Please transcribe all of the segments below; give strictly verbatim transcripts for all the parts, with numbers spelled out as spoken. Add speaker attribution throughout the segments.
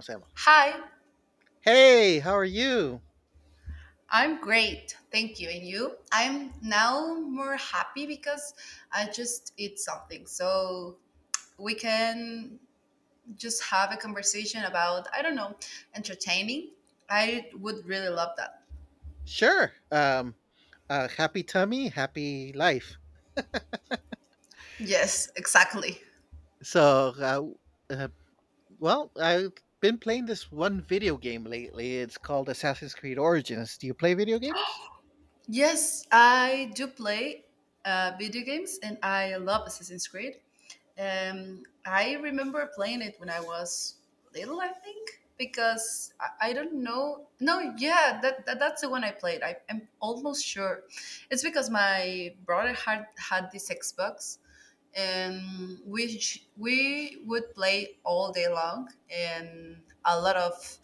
Speaker 1: Sama.
Speaker 2: Hi,
Speaker 1: Hey, how are you?
Speaker 2: I'm great. Thank you. And you? I'm now more happy because I just ate something. So we can just have a conversation about, I don't know, entertaining. I would really love that.
Speaker 1: Sure. Um, uh, Happy tummy, happy life.
Speaker 2: Yes, exactly.
Speaker 1: So, uh, uh, well, I've been playing this one video game lately. It's called Assassin's Creed Origins. Do you play video games?
Speaker 2: Yes, I do play uh, video games, and I love Assassin's Creed. Um, I remember playing it when I was little, I think, because I, I don't know. No, yeah, that, that that's the one I played. I, I'm almost sure it's because my brother had had this Xbox, and we sh- we would play all day long and a lot of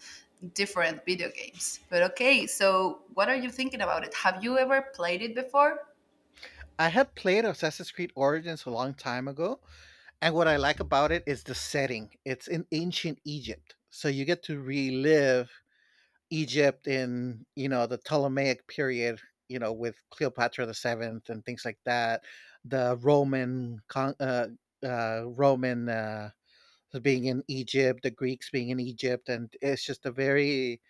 Speaker 2: different video games. But okay, so what are you thinking about it? Have you ever played it before?
Speaker 1: I had played Assassin's Creed Origins a long time ago, and what I like about it is the setting. It's in ancient Egypt, so you get to relive Egypt in, you know, the Ptolemaic period, you know, with Cleopatra the Seventh and things like that. The Roman, con- uh, uh, Roman uh, being in Egypt, the Greeks being in Egypt, and it's just a very,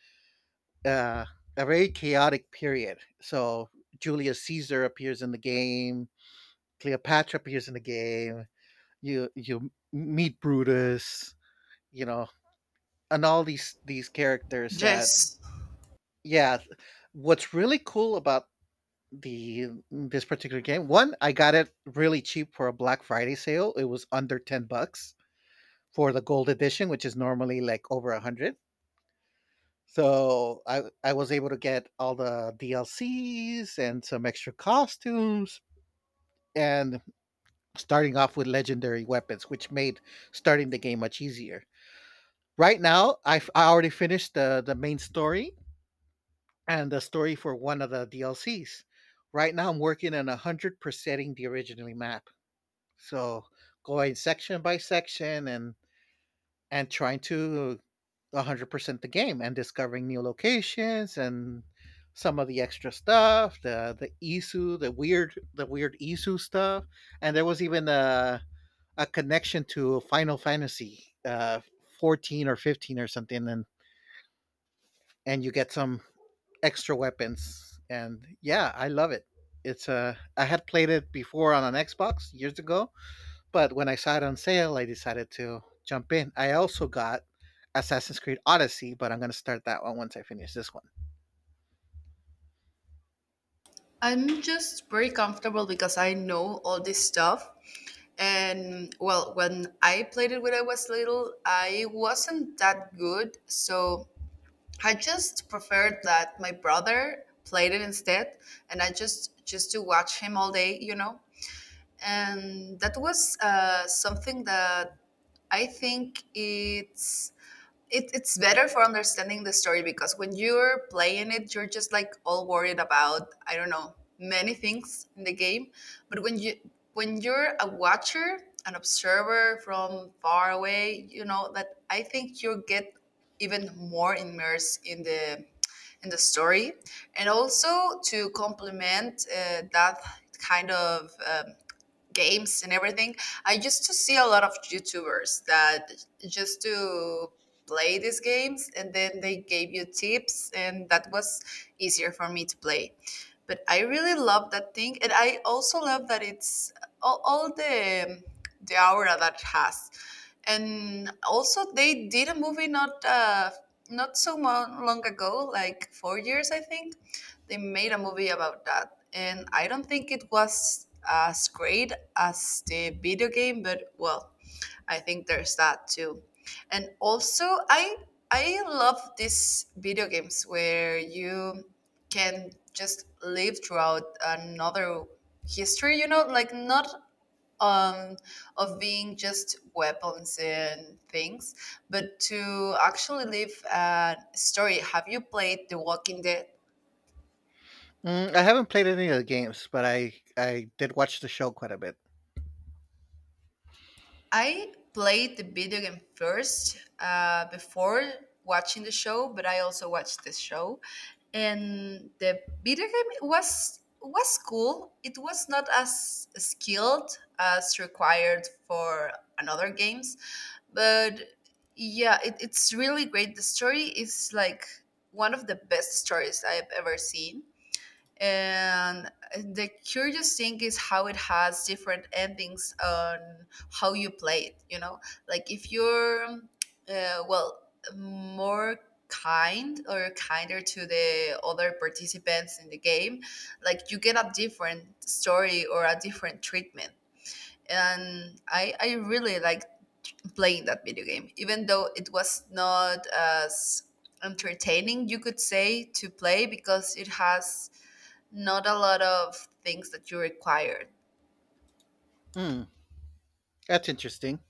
Speaker 1: uh, a very chaotic period. So Julius Caesar appears in the game. Cleopatra appears in the game. You you meet Brutus, you know, and all these these characters that
Speaker 2: Yes.
Speaker 1: yeah, what's really cool about the mm, this particular game. One, I got it really cheap for a Black Friday sale. It was under ten bucks for the gold edition, which is normally like over a hundred. So I I was able to get all the D L Cs and some extra costumes and starting off with legendary weapons, which made starting the game much easier. Right now, I I already finished the the main story and the story for one of the D L Cs. Right now, I'm working on a hundred percenting the original map. So going section by section and and trying to a hundred percent the game and discovering new locations and some of the extra stuff, the the Isu, the weird the weird Isu stuff, and there was even a a connection to Final Fantasy uh fourteen or fifteen or something, and and you get some extra weapons, and yeah, I love it. It's uh I had played it before on an Xbox years ago. But when I saw it on sale, I decided to jump in. I also got Assassin's Creed Odyssey, but I'm going to start that one once I finish this one.
Speaker 2: I'm just very comfortable because I know all this stuff. And well, when I played it when I was little, I wasn't that good. So I just preferred that my brother played it instead, and I just just to watch him all day, you know. And that was uh, something that I think it's it, it's better for understanding the story, because when you're playing it you're just like all worried about, I don't know, many things in the game. But when you, when you're a watcher, an observer from far away, you know that, I think, you get even more immersed in the in the story. And also, to complement uh, that kind of um, games and everything, I used to see a lot of YouTubers that just to play these games and then they gave you tips, and that was easier for me to play. But I really love that thing, and I also love that it's all, all the the aura that it has. And also, they did a movie not uh, not so mo- long ago, like four years I think, they made a movie about that, and I don't think it was as great as the video game. But well, I think there's that too. And also, i i love these video games where you can just live throughout another history, you know, like not um, of being just weapons and things, but to actually live a story. Have you played The Walking Dead?
Speaker 1: Mm, I haven't played any of the games, but I I did watch the show quite a bit.
Speaker 2: I played the video game first uh, before watching the show, but I also watched the show, and the video game was was cool. It was not as skilled as required for another games, but yeah, it, it's really great. The story is like one of the best stories I've ever seen, and the curious thing is how it has different endings on how you play it, you know. Like if you're uh, well, more kind or kinder to the other participants in the game, like, you get a different story or a different treatment. And i i really like playing that video game, even though it was not as entertaining, you could say, to play, because it has not a lot of things that you required.
Speaker 1: Mm, that's interesting.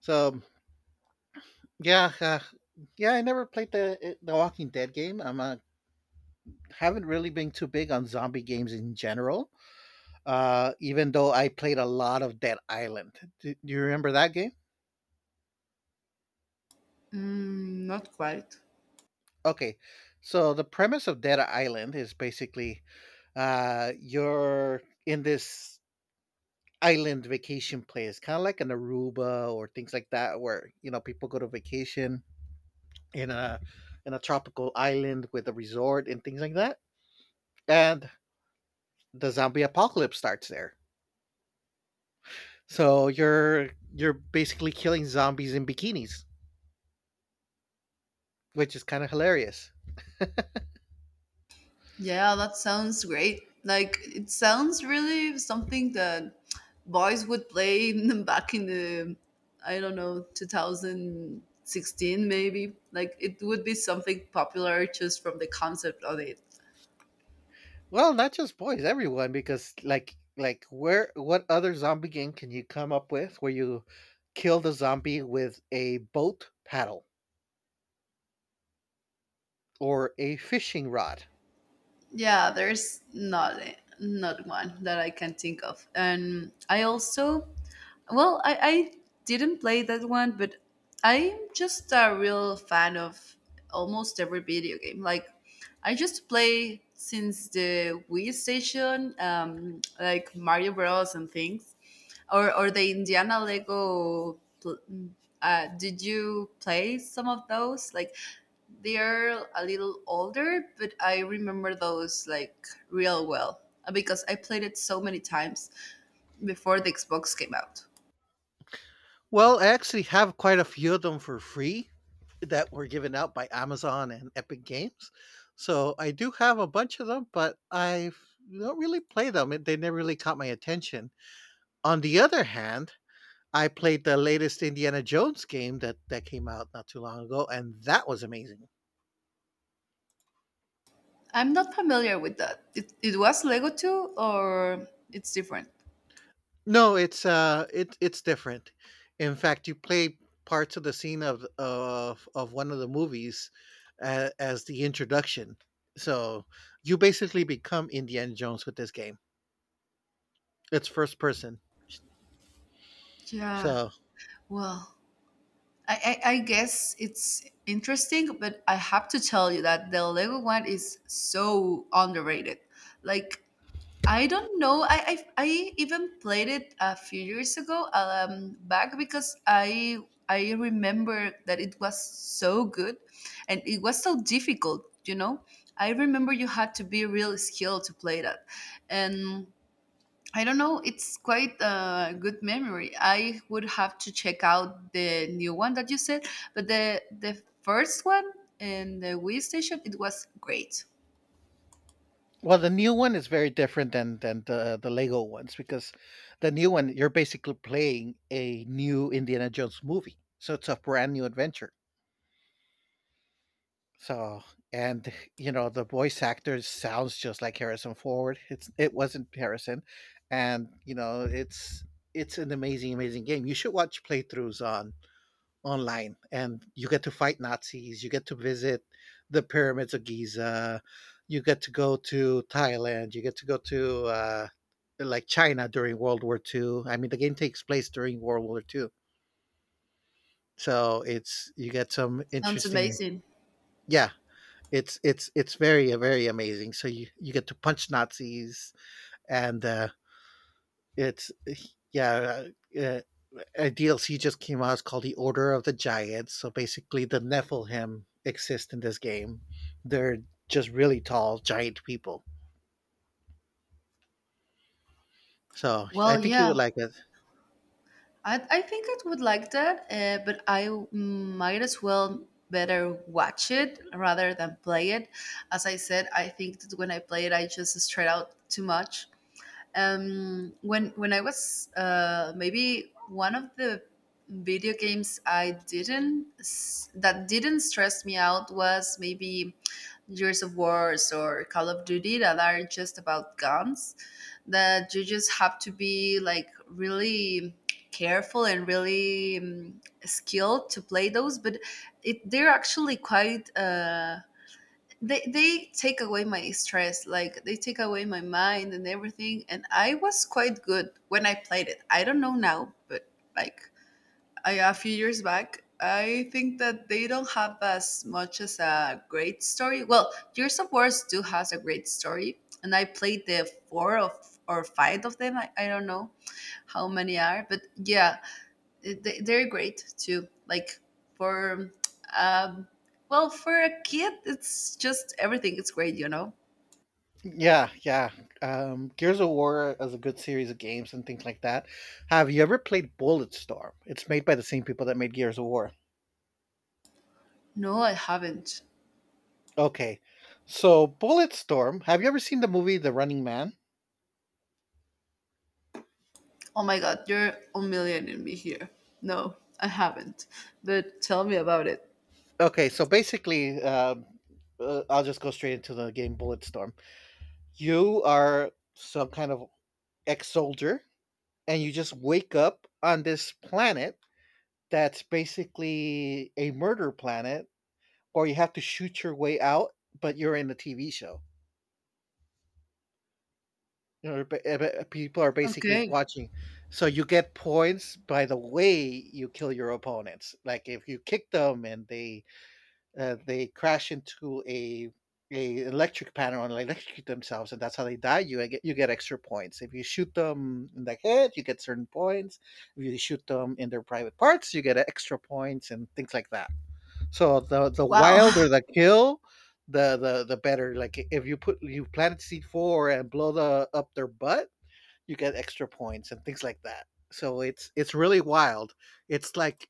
Speaker 1: So yeah, uh, yeah, I never played the eh, the Walking Dead game. I'm uh, haven't really been too big on zombie games in general. Uh, even though I played a lot of Dead Island. Do, do you remember that game?
Speaker 2: Mm, not quite.
Speaker 1: Okay, so the premise of Dead Island is basically uh, you're in this island vacation place, kind of like an Aruba or things like that, where you know people go to vacation in a in a tropical island with a resort and things like that, and the zombie apocalypse starts there. So you're you're basically killing zombies in bikinis, which is kind of hilarious.
Speaker 2: Yeah, that sounds great. Like, it sounds really something that boys would play back in the, I don't know, twenty sixteen maybe. Like, it would be something popular just from the concept of it.
Speaker 1: Well, not just boys, everyone, because like like where what other zombie game can you come up with where you kill the zombie with a boat paddle or a fishing rod?
Speaker 2: Yeah, there's not not one that I can think of. And I also, well, I, I didn't play that one, but I'm just a real fan of almost every video game. Like, I just play since the Wii Station, um, like Mario Bros. And things, or or the Indiana Lego. Pl- mm, Uh, did you play some of those? Like, they're a little older, but I remember those like real well uh, because I played it so many times before the Xbox came out.
Speaker 1: Well, I actually have quite a few of them for free that were given out by Amazon and Epic Games. So I do have a bunch of them, but I don't really play them. It- They never really caught my attention. On the other hand, I played the latest Indiana Jones game that, that came out not too long ago, and that was amazing.
Speaker 2: I'm not familiar with that. It, it was Lego two, or it's different?
Speaker 1: No, it's uh, it it's different. In fact, you play parts of the scene of of of one of the movies uh, as the introduction. So you basically become Indiana Jones with this game. It's first person.
Speaker 2: Yeah,
Speaker 1: So
Speaker 2: well, I, I, I guess it's interesting, but I have to tell you that the Lego one is so underrated. Like, I don't know. I I, I even played it a few years ago um, back, because I I remember that it was so good, and it was so difficult. You know, I remember you had to be real skilled to play that, and I don't know. It's quite a good memory. I would have to check out the new one that you said, but the the first one in the Wii station, it was great.
Speaker 1: well, the new one is very different than than the the Lego ones, because the new one you're basically playing a new Indiana Jones movie. So it's a brand new adventure. So, and you know, the voice actor sounds just like Harrison Ford. It's it wasn't Harrison, and you know, it's it's an amazing, amazing game. You should watch playthroughs on online, and you get to fight Nazis. You get to visit the pyramids of Giza. You get to go to Thailand. You get to go to uh, like China during World War Two. I mean, the game takes place during World War Two, so it's you get some
Speaker 2: Sounds
Speaker 1: interesting.
Speaker 2: amazing.
Speaker 1: Yeah, it's it's it's very uh, very amazing. So you you get to punch Nazis, and uh, it's eh, yeah. Uh, a D L C just came out. It's called the Order of the Giants. So basically, the Nephilim exist in this game. They're just really tall, giant people. So I
Speaker 2: Well,
Speaker 1: think you
Speaker 2: yeah.
Speaker 1: would like it.
Speaker 2: I, I think I would like that, uh, but I might as well better watch it rather than play it. As I said, I think that when I play it, I just straight out too much. Um, when when I was uh, maybe, one of the video games I didn't s- that didn't stress me out was maybe Gears of Wars or Call of Duty, that are just about guns, that you just have to be like really careful and really um, skilled to play those. But it they're actually quite uh, they they take away my stress, like they take away my mind and everything, and I was quite good when I played it. I don't know now, but like, I, a few years back. I think that they don't have as much as a great story. Well, Gears of War do has a great story, and I played the four of or five of them. I, I don't know how many are, but yeah, they, they're great too. Like, for um, well, for a kid, it's just everything. It's great, you know.
Speaker 1: Yeah, yeah. Um, Gears of War is a good series of games and things like that. Have you ever played Bulletstorm? It's made by the same people that made Gears of War.
Speaker 2: No, I haven't.
Speaker 1: Okay. So Bulletstorm, have you ever seen the movie The Running Man?
Speaker 2: Oh my god, you're a million in me here. No, I haven't. But tell me about it.
Speaker 1: Okay, so basically, um, uh, I'll just go straight into the game Bulletstorm. You are some kind of ex soldier, and you just wake up on this planet that's basically a murder planet, or you have to shoot your way out, but you're in a T V show. You know, ba- eh, ba- people are basically
Speaker 2: Okay.
Speaker 1: watching. So you get points by the way you kill your opponents. Like if you kick them and they uh, they crash into a a electric panel and electrocute themselves, and that's how they die. You get you get extra points if you shoot them in the head. You get certain points. If you shoot them in their private parts, you get extra points and things like that. So the the
Speaker 2: Wow.
Speaker 1: wilder the kill, the the the better. Like if you put you plant seed four and blow the up their butt, you get extra points and things like that. So it's it's really wild. It's like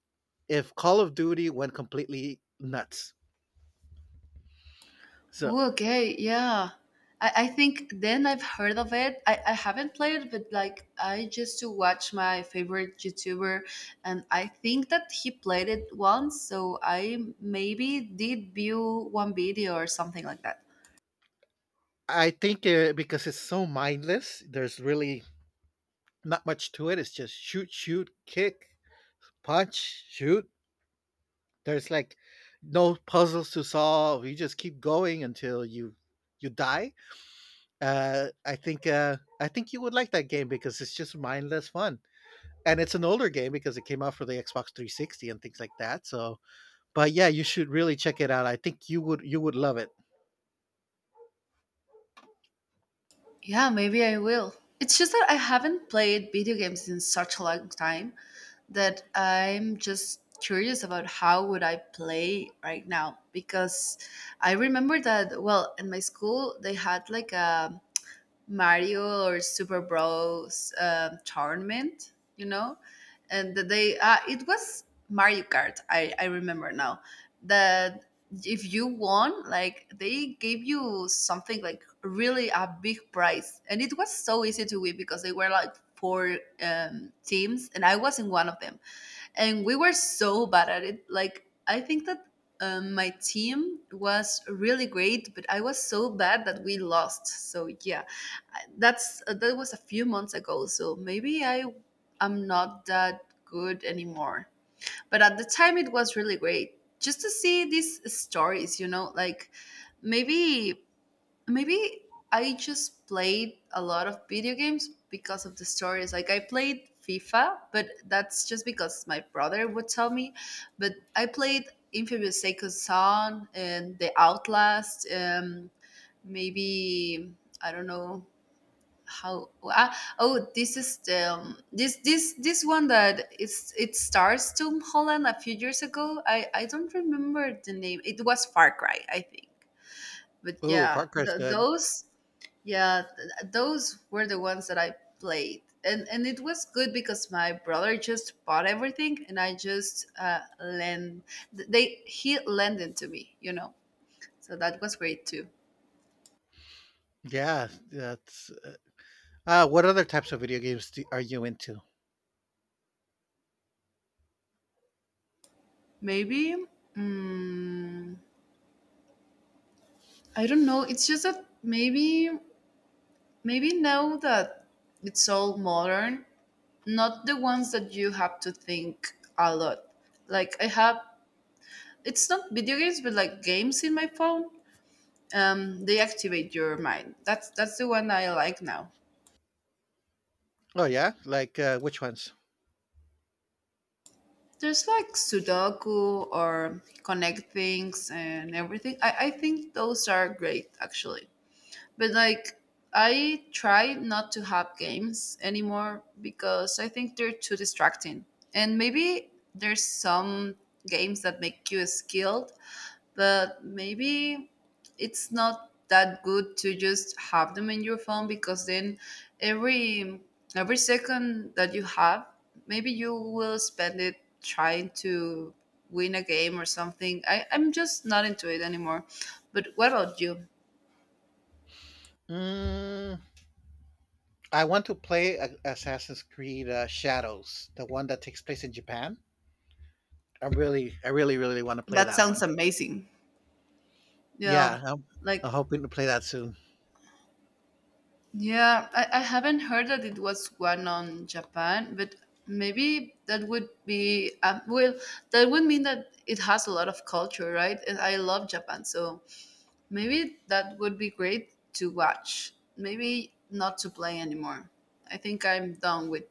Speaker 1: if Call of Duty went completely nuts. So
Speaker 2: Okay. Yeah. I, I think then I've heard of it. I, I haven't played it, but like, I just to watch my favorite YouTuber, and I think that he played it once. So I maybe did view one video or something like that.
Speaker 1: I think uh, because it's so mindless, there's really not much to it. It's just shoot, shoot, kick, punch, shoot. There's like no puzzles to solve. You just keep going until you you die. Uh, I think uh, I think you would like that game because it's just mindless fun, and it's an older game because it came out for the Xbox three sixty and things like that. So, but yeah, you should really check it out. I think you would you would love it.
Speaker 2: Yeah, maybe I will. It's just that I haven't played video games in such a long time, that I'm just curious about how would I play right now. Because I remember that, well, in my school they had like a Mario or Super Bros um tournament, you know, and that they uh, it was Mario Kart. I I remember now that if you won, like, they gave you something like really a big prize, and it was so easy to win because they were like four um, teams, and I was in one of them, and we were so bad at it. Like, I think that um, my team was really great, but I was so bad that we lost. So yeah, I- that's uh, that was a few months ago. So maybe I am not that good anymore. But at the time, it was really great just to see these stories. You know, like, maybe Maybe I just played a lot of video games because of the stories. Like, I played FIFA, but that's just because my brother would tell me. But I played Infamous Second Son and The Outlast. Um, maybe I don't know how. Ah, oh, this is the um, this this this one that it's it stars Tom Holland a few years ago. I I don't remember the name. It was Far Cry, I think. But
Speaker 1: Ooh,
Speaker 2: yeah,
Speaker 1: Far Cry's
Speaker 2: th-
Speaker 1: good.
Speaker 2: those yeah, th- those were the ones that I played, and and it was good because my brother just bought everything, and I just uh, lend. Th- They he lent it to me, you know. So that was great too.
Speaker 1: Yeah, that's uh, what other types of video games do, are you into?
Speaker 2: Maybe, mm, I don't know. It's just that maybe maybe now that it's all modern, not the ones that you have to think a lot. Like, I have, it's not video games, but like games in my phone, um, they activate your mind. That's that's the one I like now.
Speaker 1: Oh yeah, like uh, which ones?
Speaker 2: There's like Sudoku or connect things and everything. I, I think those are great actually. But like, I try not to have games anymore because I think they're too distracting. And maybe there's some games that make you skilled, but maybe it's not that good to just have them in your phone, because then every every second that you have, maybe you will spend it trying to win a game or something. I, I'm just not into it anymore. But what about you?
Speaker 1: Mm, I want to play a- Assassin's Creed uh, Shadows, the one that takes place in Japan. I really, I really, really want to play
Speaker 2: That
Speaker 1: that
Speaker 2: sounds
Speaker 1: one.
Speaker 2: amazing. Yeah,
Speaker 1: Yeah, I'm, I'm
Speaker 2: like,
Speaker 1: hoping to play that soon.
Speaker 2: yeah, I, I haven't heard that it was one on Japan, but maybe that would be um, well, that would mean that it has a lot of culture, right? And I love Japan, so maybe that would be great to watch. Maybe not to play anymore. I think I'm done with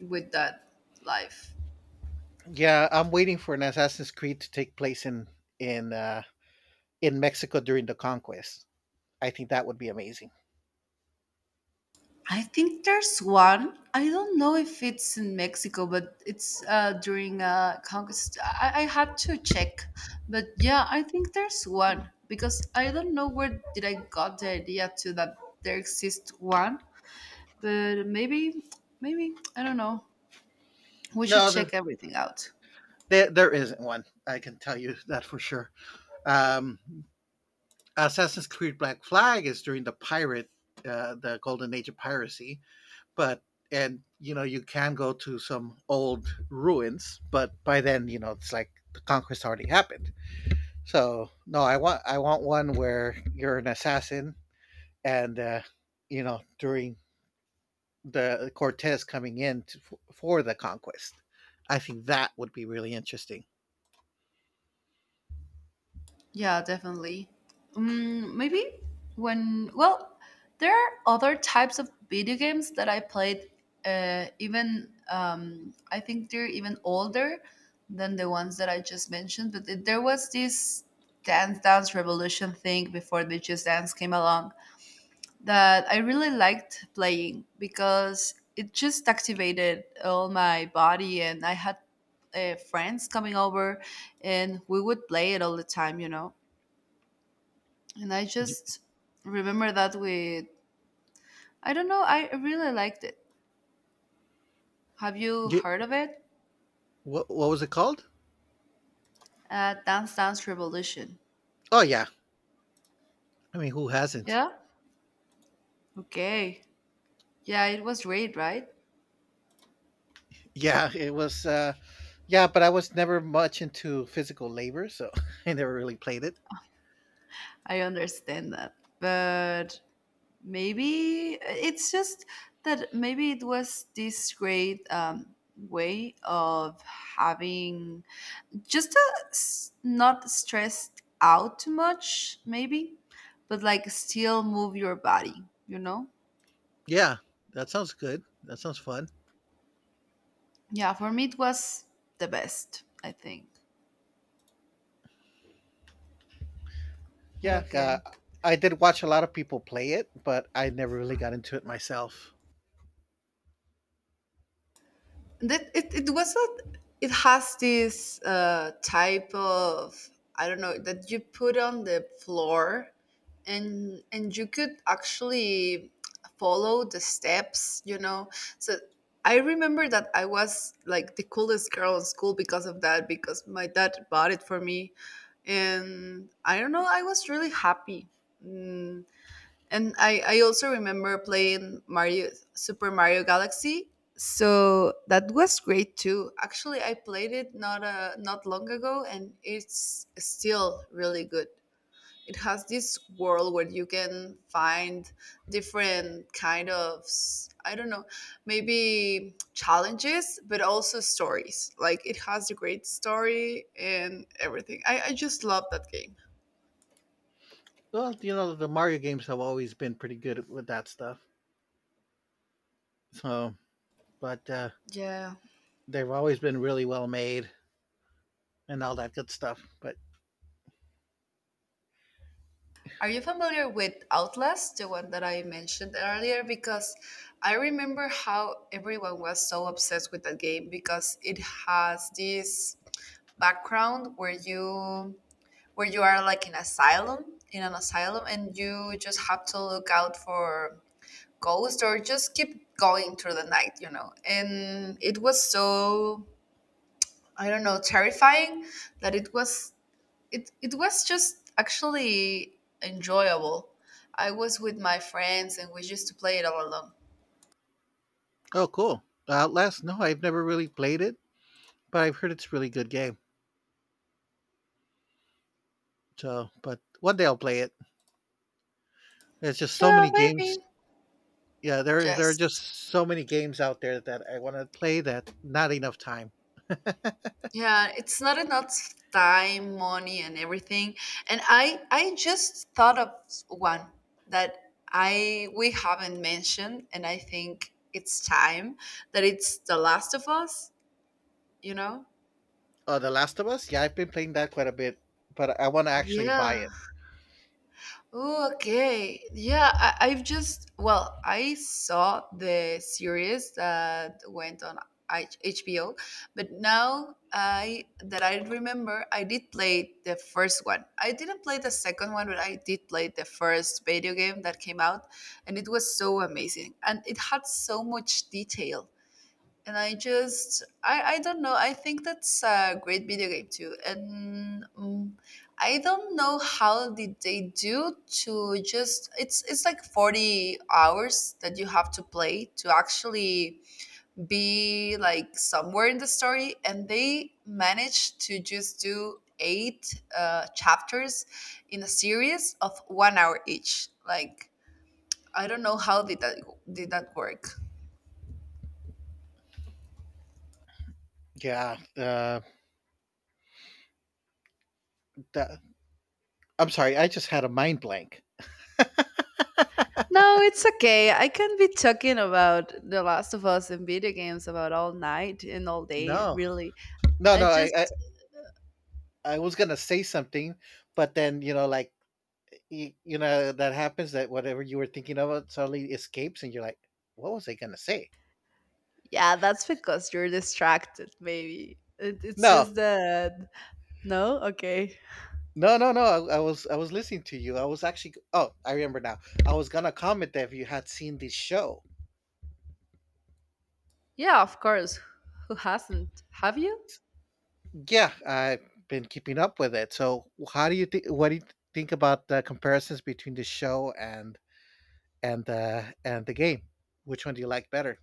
Speaker 2: with that life.
Speaker 1: Yeah, I'm waiting for an Assassin's Creed to take place in in uh, in Mexico during the conquest. I think that would be amazing.
Speaker 2: I think there's one. I don't know if it's in Mexico, but it's uh, during uh, conquest. I, I had to check, but yeah, I think there's one, because I don't know where did I got the idea to that there exists one, but maybe, maybe I don't know. We should
Speaker 1: No, there,
Speaker 2: check everything out.
Speaker 1: there, there isn't one. I can tell you that for sure. Um, Assassin's Creed Black Flag is during the pirate, uh, the golden age of piracy, but and you know you can go to some old ruins, but by then you know it's like the conquest already happened. So no, I want I want one where you're an assassin and uh, you know during the Cortez coming in to, for the conquest. I think that would be really interesting.
Speaker 2: Yeah, definitely. Um, maybe when, well, there are other types of video games that I played, uh, even, um, I think they're even older than the ones that I just mentioned. But th- there was this Dance Dance Revolution thing before the Just Dance came along that I really liked playing because it just activated all my body and I had uh, friends coming over and we would play it all the time, you know? And I
Speaker 1: Y-
Speaker 2: just remember that with, I don't know, I really liked it. Have you heard of it?
Speaker 1: What what was it called?
Speaker 2: Uh, Dance Dance Revolution.
Speaker 1: Oh yeah, I mean who hasn't?
Speaker 2: Yeah? Okay. Yeah, it was great, right?
Speaker 1: Yeah, it was. Uh, yeah, but I was never much into physical labor, so I never really played it.
Speaker 2: I understand that. But maybe it's just that maybe it was this great um, way of having just a s- not stressed out too much, maybe, but like still move your body, you know?
Speaker 1: Yeah, that sounds good. That sounds fun.
Speaker 2: Yeah, for me it was the best, I think. But
Speaker 1: Yeah, uh,
Speaker 2: okay.
Speaker 1: I did watch a lot of people play it, but I never really got into it myself.
Speaker 2: That it, it was not it has this uh, type of I don't know that you put on the floor and and you could actually follow the steps, you know. So I remember that I was like the coolest girl in school because of that because my dad bought it for me and I don't know, I was really happy. Mm, And I, I also remember playing Mario Super Mario Galaxy. So that was great too. Actually, I played it not uh, not long ago and it's still really good. It has this world where you can find different kind of s- I don't know, maybe challenges, but also stories. Like it has a great story and everything. I, I just love that game.
Speaker 1: Well, you know, the Mario games have always been pretty good with that stuff. So, but uh,
Speaker 2: Yeah.
Speaker 1: they've always been really well made and all that good stuff. But
Speaker 2: Are you familiar with Outlast, the one that I mentioned earlier? Because I remember how everyone was so obsessed with that game because it has this background where you where you are like in asylum in an asylum and you just have to look out for ghosts or just keep going through the night, you know. And it was so I don't know, terrifying that it was it it was just actually enjoyable. I was with my friends and we used to play it all alone.
Speaker 1: oh, cool. Outlast? No, I've never really played it, but I've heard it's a really good game. So, but one day I'll play it. There's just so
Speaker 2: Yeah,
Speaker 1: many games.
Speaker 2: maybe.
Speaker 1: Yeah, there there are just
Speaker 2: Yes.
Speaker 1: so many games out there that I want to play that not enough time.
Speaker 2: Yeah, it's not enough time, money, and everything. And I I just thought of one that I we haven't mentioned, and I think it's time that it's The Last of Us. You know?
Speaker 1: Uh, The Last of Us, yeah, I've been playing that quite a bit, but I want to actually buy
Speaker 2: Yeah.
Speaker 1: it.
Speaker 2: Oh, okay. Yeah, I, I've just, well, I saw the series that went on H- HBO, but now I, that I remember, I did play the first one. I didn't play the second one, but I did play the first video game that came out, and it was so amazing. And it had so much detail and I just I I don't know. I think that's a great video game too, and um, I don't know how did they do to just it's it's like forty hours that you have to play to actually be like somewhere in the story, and they managed to just do eight uh, chapters in a series of one hour each. Like I don't know how did that did that work.
Speaker 1: Yeah, uh, that, I'm sorry, I just had a mind blank.
Speaker 2: No, it's okay. I can be talking about The Last of Us and video games about all night and all day,
Speaker 1: No,
Speaker 2: really.
Speaker 1: no, no,
Speaker 2: I
Speaker 1: I, I
Speaker 2: just,
Speaker 1: I was gonna say something, but then you know, like you, you know, that happens that whatever you were thinking about suddenly escapes, and you're like, what was I gonna say?
Speaker 2: yeah, that's because you're distracted, maybe. It, it's
Speaker 1: No,
Speaker 2: just that. No? Okay.
Speaker 1: No, no, no. I, I was I was listening to you. I was actually oh, I remember now. I was gonna comment that if you had seen this show.
Speaker 2: Yeah, of course. Who hasn't? Have you?
Speaker 1: Yeah, I've been keeping up with it. So how do you think? What do you think about the comparisons between the show and and uh, and the game? Which one do you like better?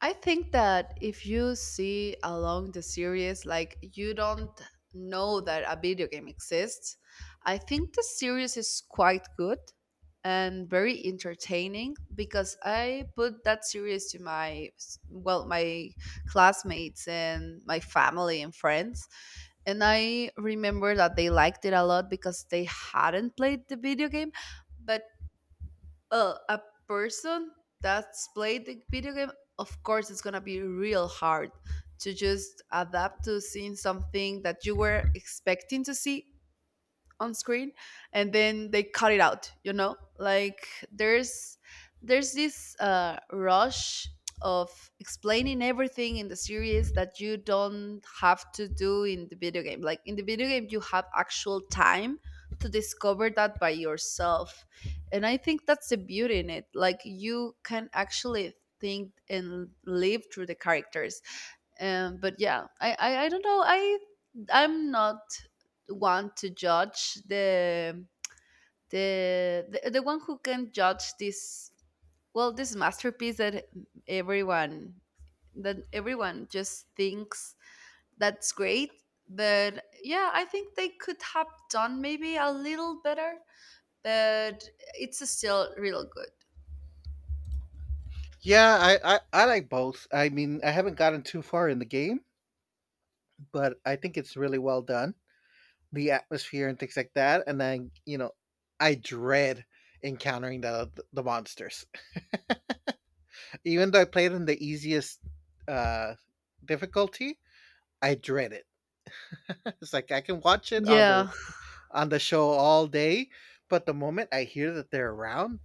Speaker 2: I think that if you see along the series, like you don't know that a video game exists, I think the series is quite good and very entertaining because I put that series to my, well, my classmates and my family and friends. And I remember that they liked it a lot because they hadn't played the video game, but uh, a person that's played the video game, of course, it's gonna be real hard to just adapt to seeing something that you were expecting to see on screen and then they cut it out, you know, like there's there's this uh, rush of explaining everything in the series that you don't have to do in the video game. Like in the video game you have actual time to discover that by yourself, and I think that's the beauty in it. Like you can actually think and live through the characters. um but yeah, I, I I don't know, I I'm not one to judge the the the, the one who can judge this, well, this masterpiece that everyone that everyone just thinks that's great. But yeah, I think they could have done maybe a little better, but it's still real good.
Speaker 1: Yeah, I, I I like both. I mean, I haven't gotten too far in the game, but I think it's really well done. The atmosphere and things like that, and then you know, I dread encountering the the monsters. Even though I played in the easiest uh, difficulty, I dread it. It's like I can watch it on the
Speaker 2: Yeah.
Speaker 1: on the show all day, but the moment I hear that they're around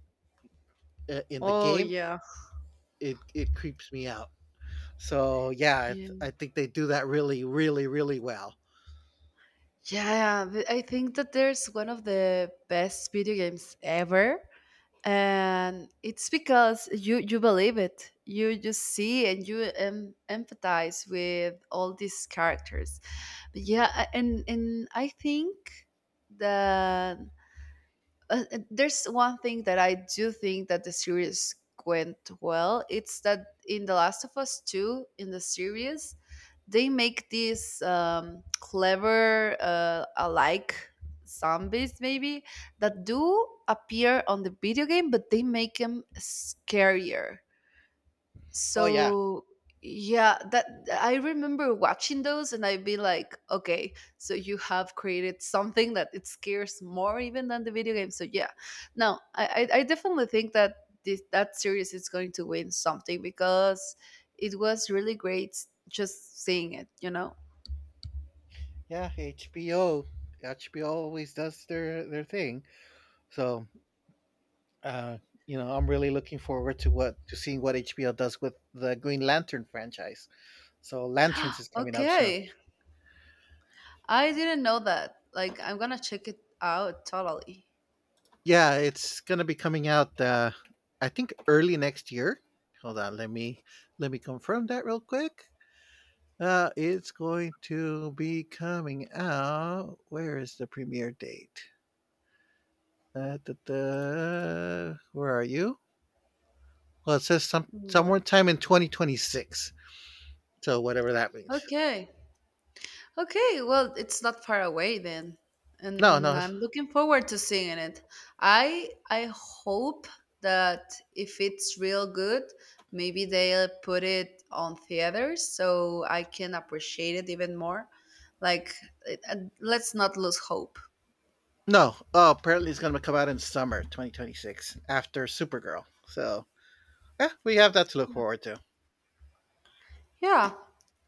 Speaker 1: uh, in the
Speaker 2: Oh
Speaker 1: game,
Speaker 2: yeah.
Speaker 1: it it creeps me out. So yeah, I,
Speaker 2: Yeah.
Speaker 1: th- I think they do that really, really, really well.
Speaker 2: Yeah, th- I think that there's one of the best video games ever, and it's because you you believe it. You just see and you em- empathize with all these characters. But yeah, I- and and I think that uh, uh, there's one thing that I do think that the series went well. It's that in The Last of Us two, in the series, they make these um, clever uh, alike zombies, maybe, that do appear on the video game, but they make them scarier,
Speaker 1: Oh yeah,
Speaker 2: so yeah. That I remember watching those and I'd be like, okay, so you have created something that it scares more even than the video game. So yeah, no, i i, I definitely think that this that series is going to win something because it was really great just seeing it, you know.
Speaker 1: yeah. HBO, H B O always does their their thing. So uh, you know, I'm really looking forward to what to seeing what H B O does with the Green Lantern franchise. So Lanterns is coming up soon.
Speaker 2: Okay, I didn't know that. Like, I'm gonna check it out totally.
Speaker 1: Yeah, it's gonna be coming out. Uh, I think early next year. Hold on, let me let me confirm that real quick. Uh, it's going to be coming out. Where is the premiere date? Uh, da, da, where are you? Well, it says some
Speaker 2: What.
Speaker 1: somewhere time in twenty twenty-six. So whatever that means.
Speaker 2: Okay. Okay, well, it's not far away then.
Speaker 1: No,
Speaker 2: And
Speaker 1: no, it's-
Speaker 2: I'm looking forward to seeing it. I I hope that if it's real good, maybe they'll put it on theaters so I can appreciate it even more. Like, it- uh, let's not lose hope.
Speaker 1: no. Oh, apparently it's gonna come out in summer twenty twenty-six after Supergirl. So yeah, we have that to look
Speaker 2: Yeah.
Speaker 1: forward to.
Speaker 2: Yeah.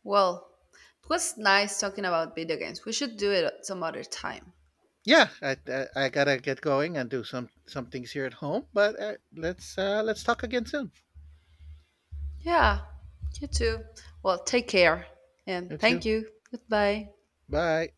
Speaker 2: Well, it was nice talking about video games. We should do it some other time.
Speaker 1: Yeah, I, I, I gotta get going and do some some things here at home. But uh, let's uh, let's talk again soon.
Speaker 2: Yeah. You too. Well, take care and
Speaker 1: You too.
Speaker 2: thank you. Goodbye.
Speaker 1: Bye.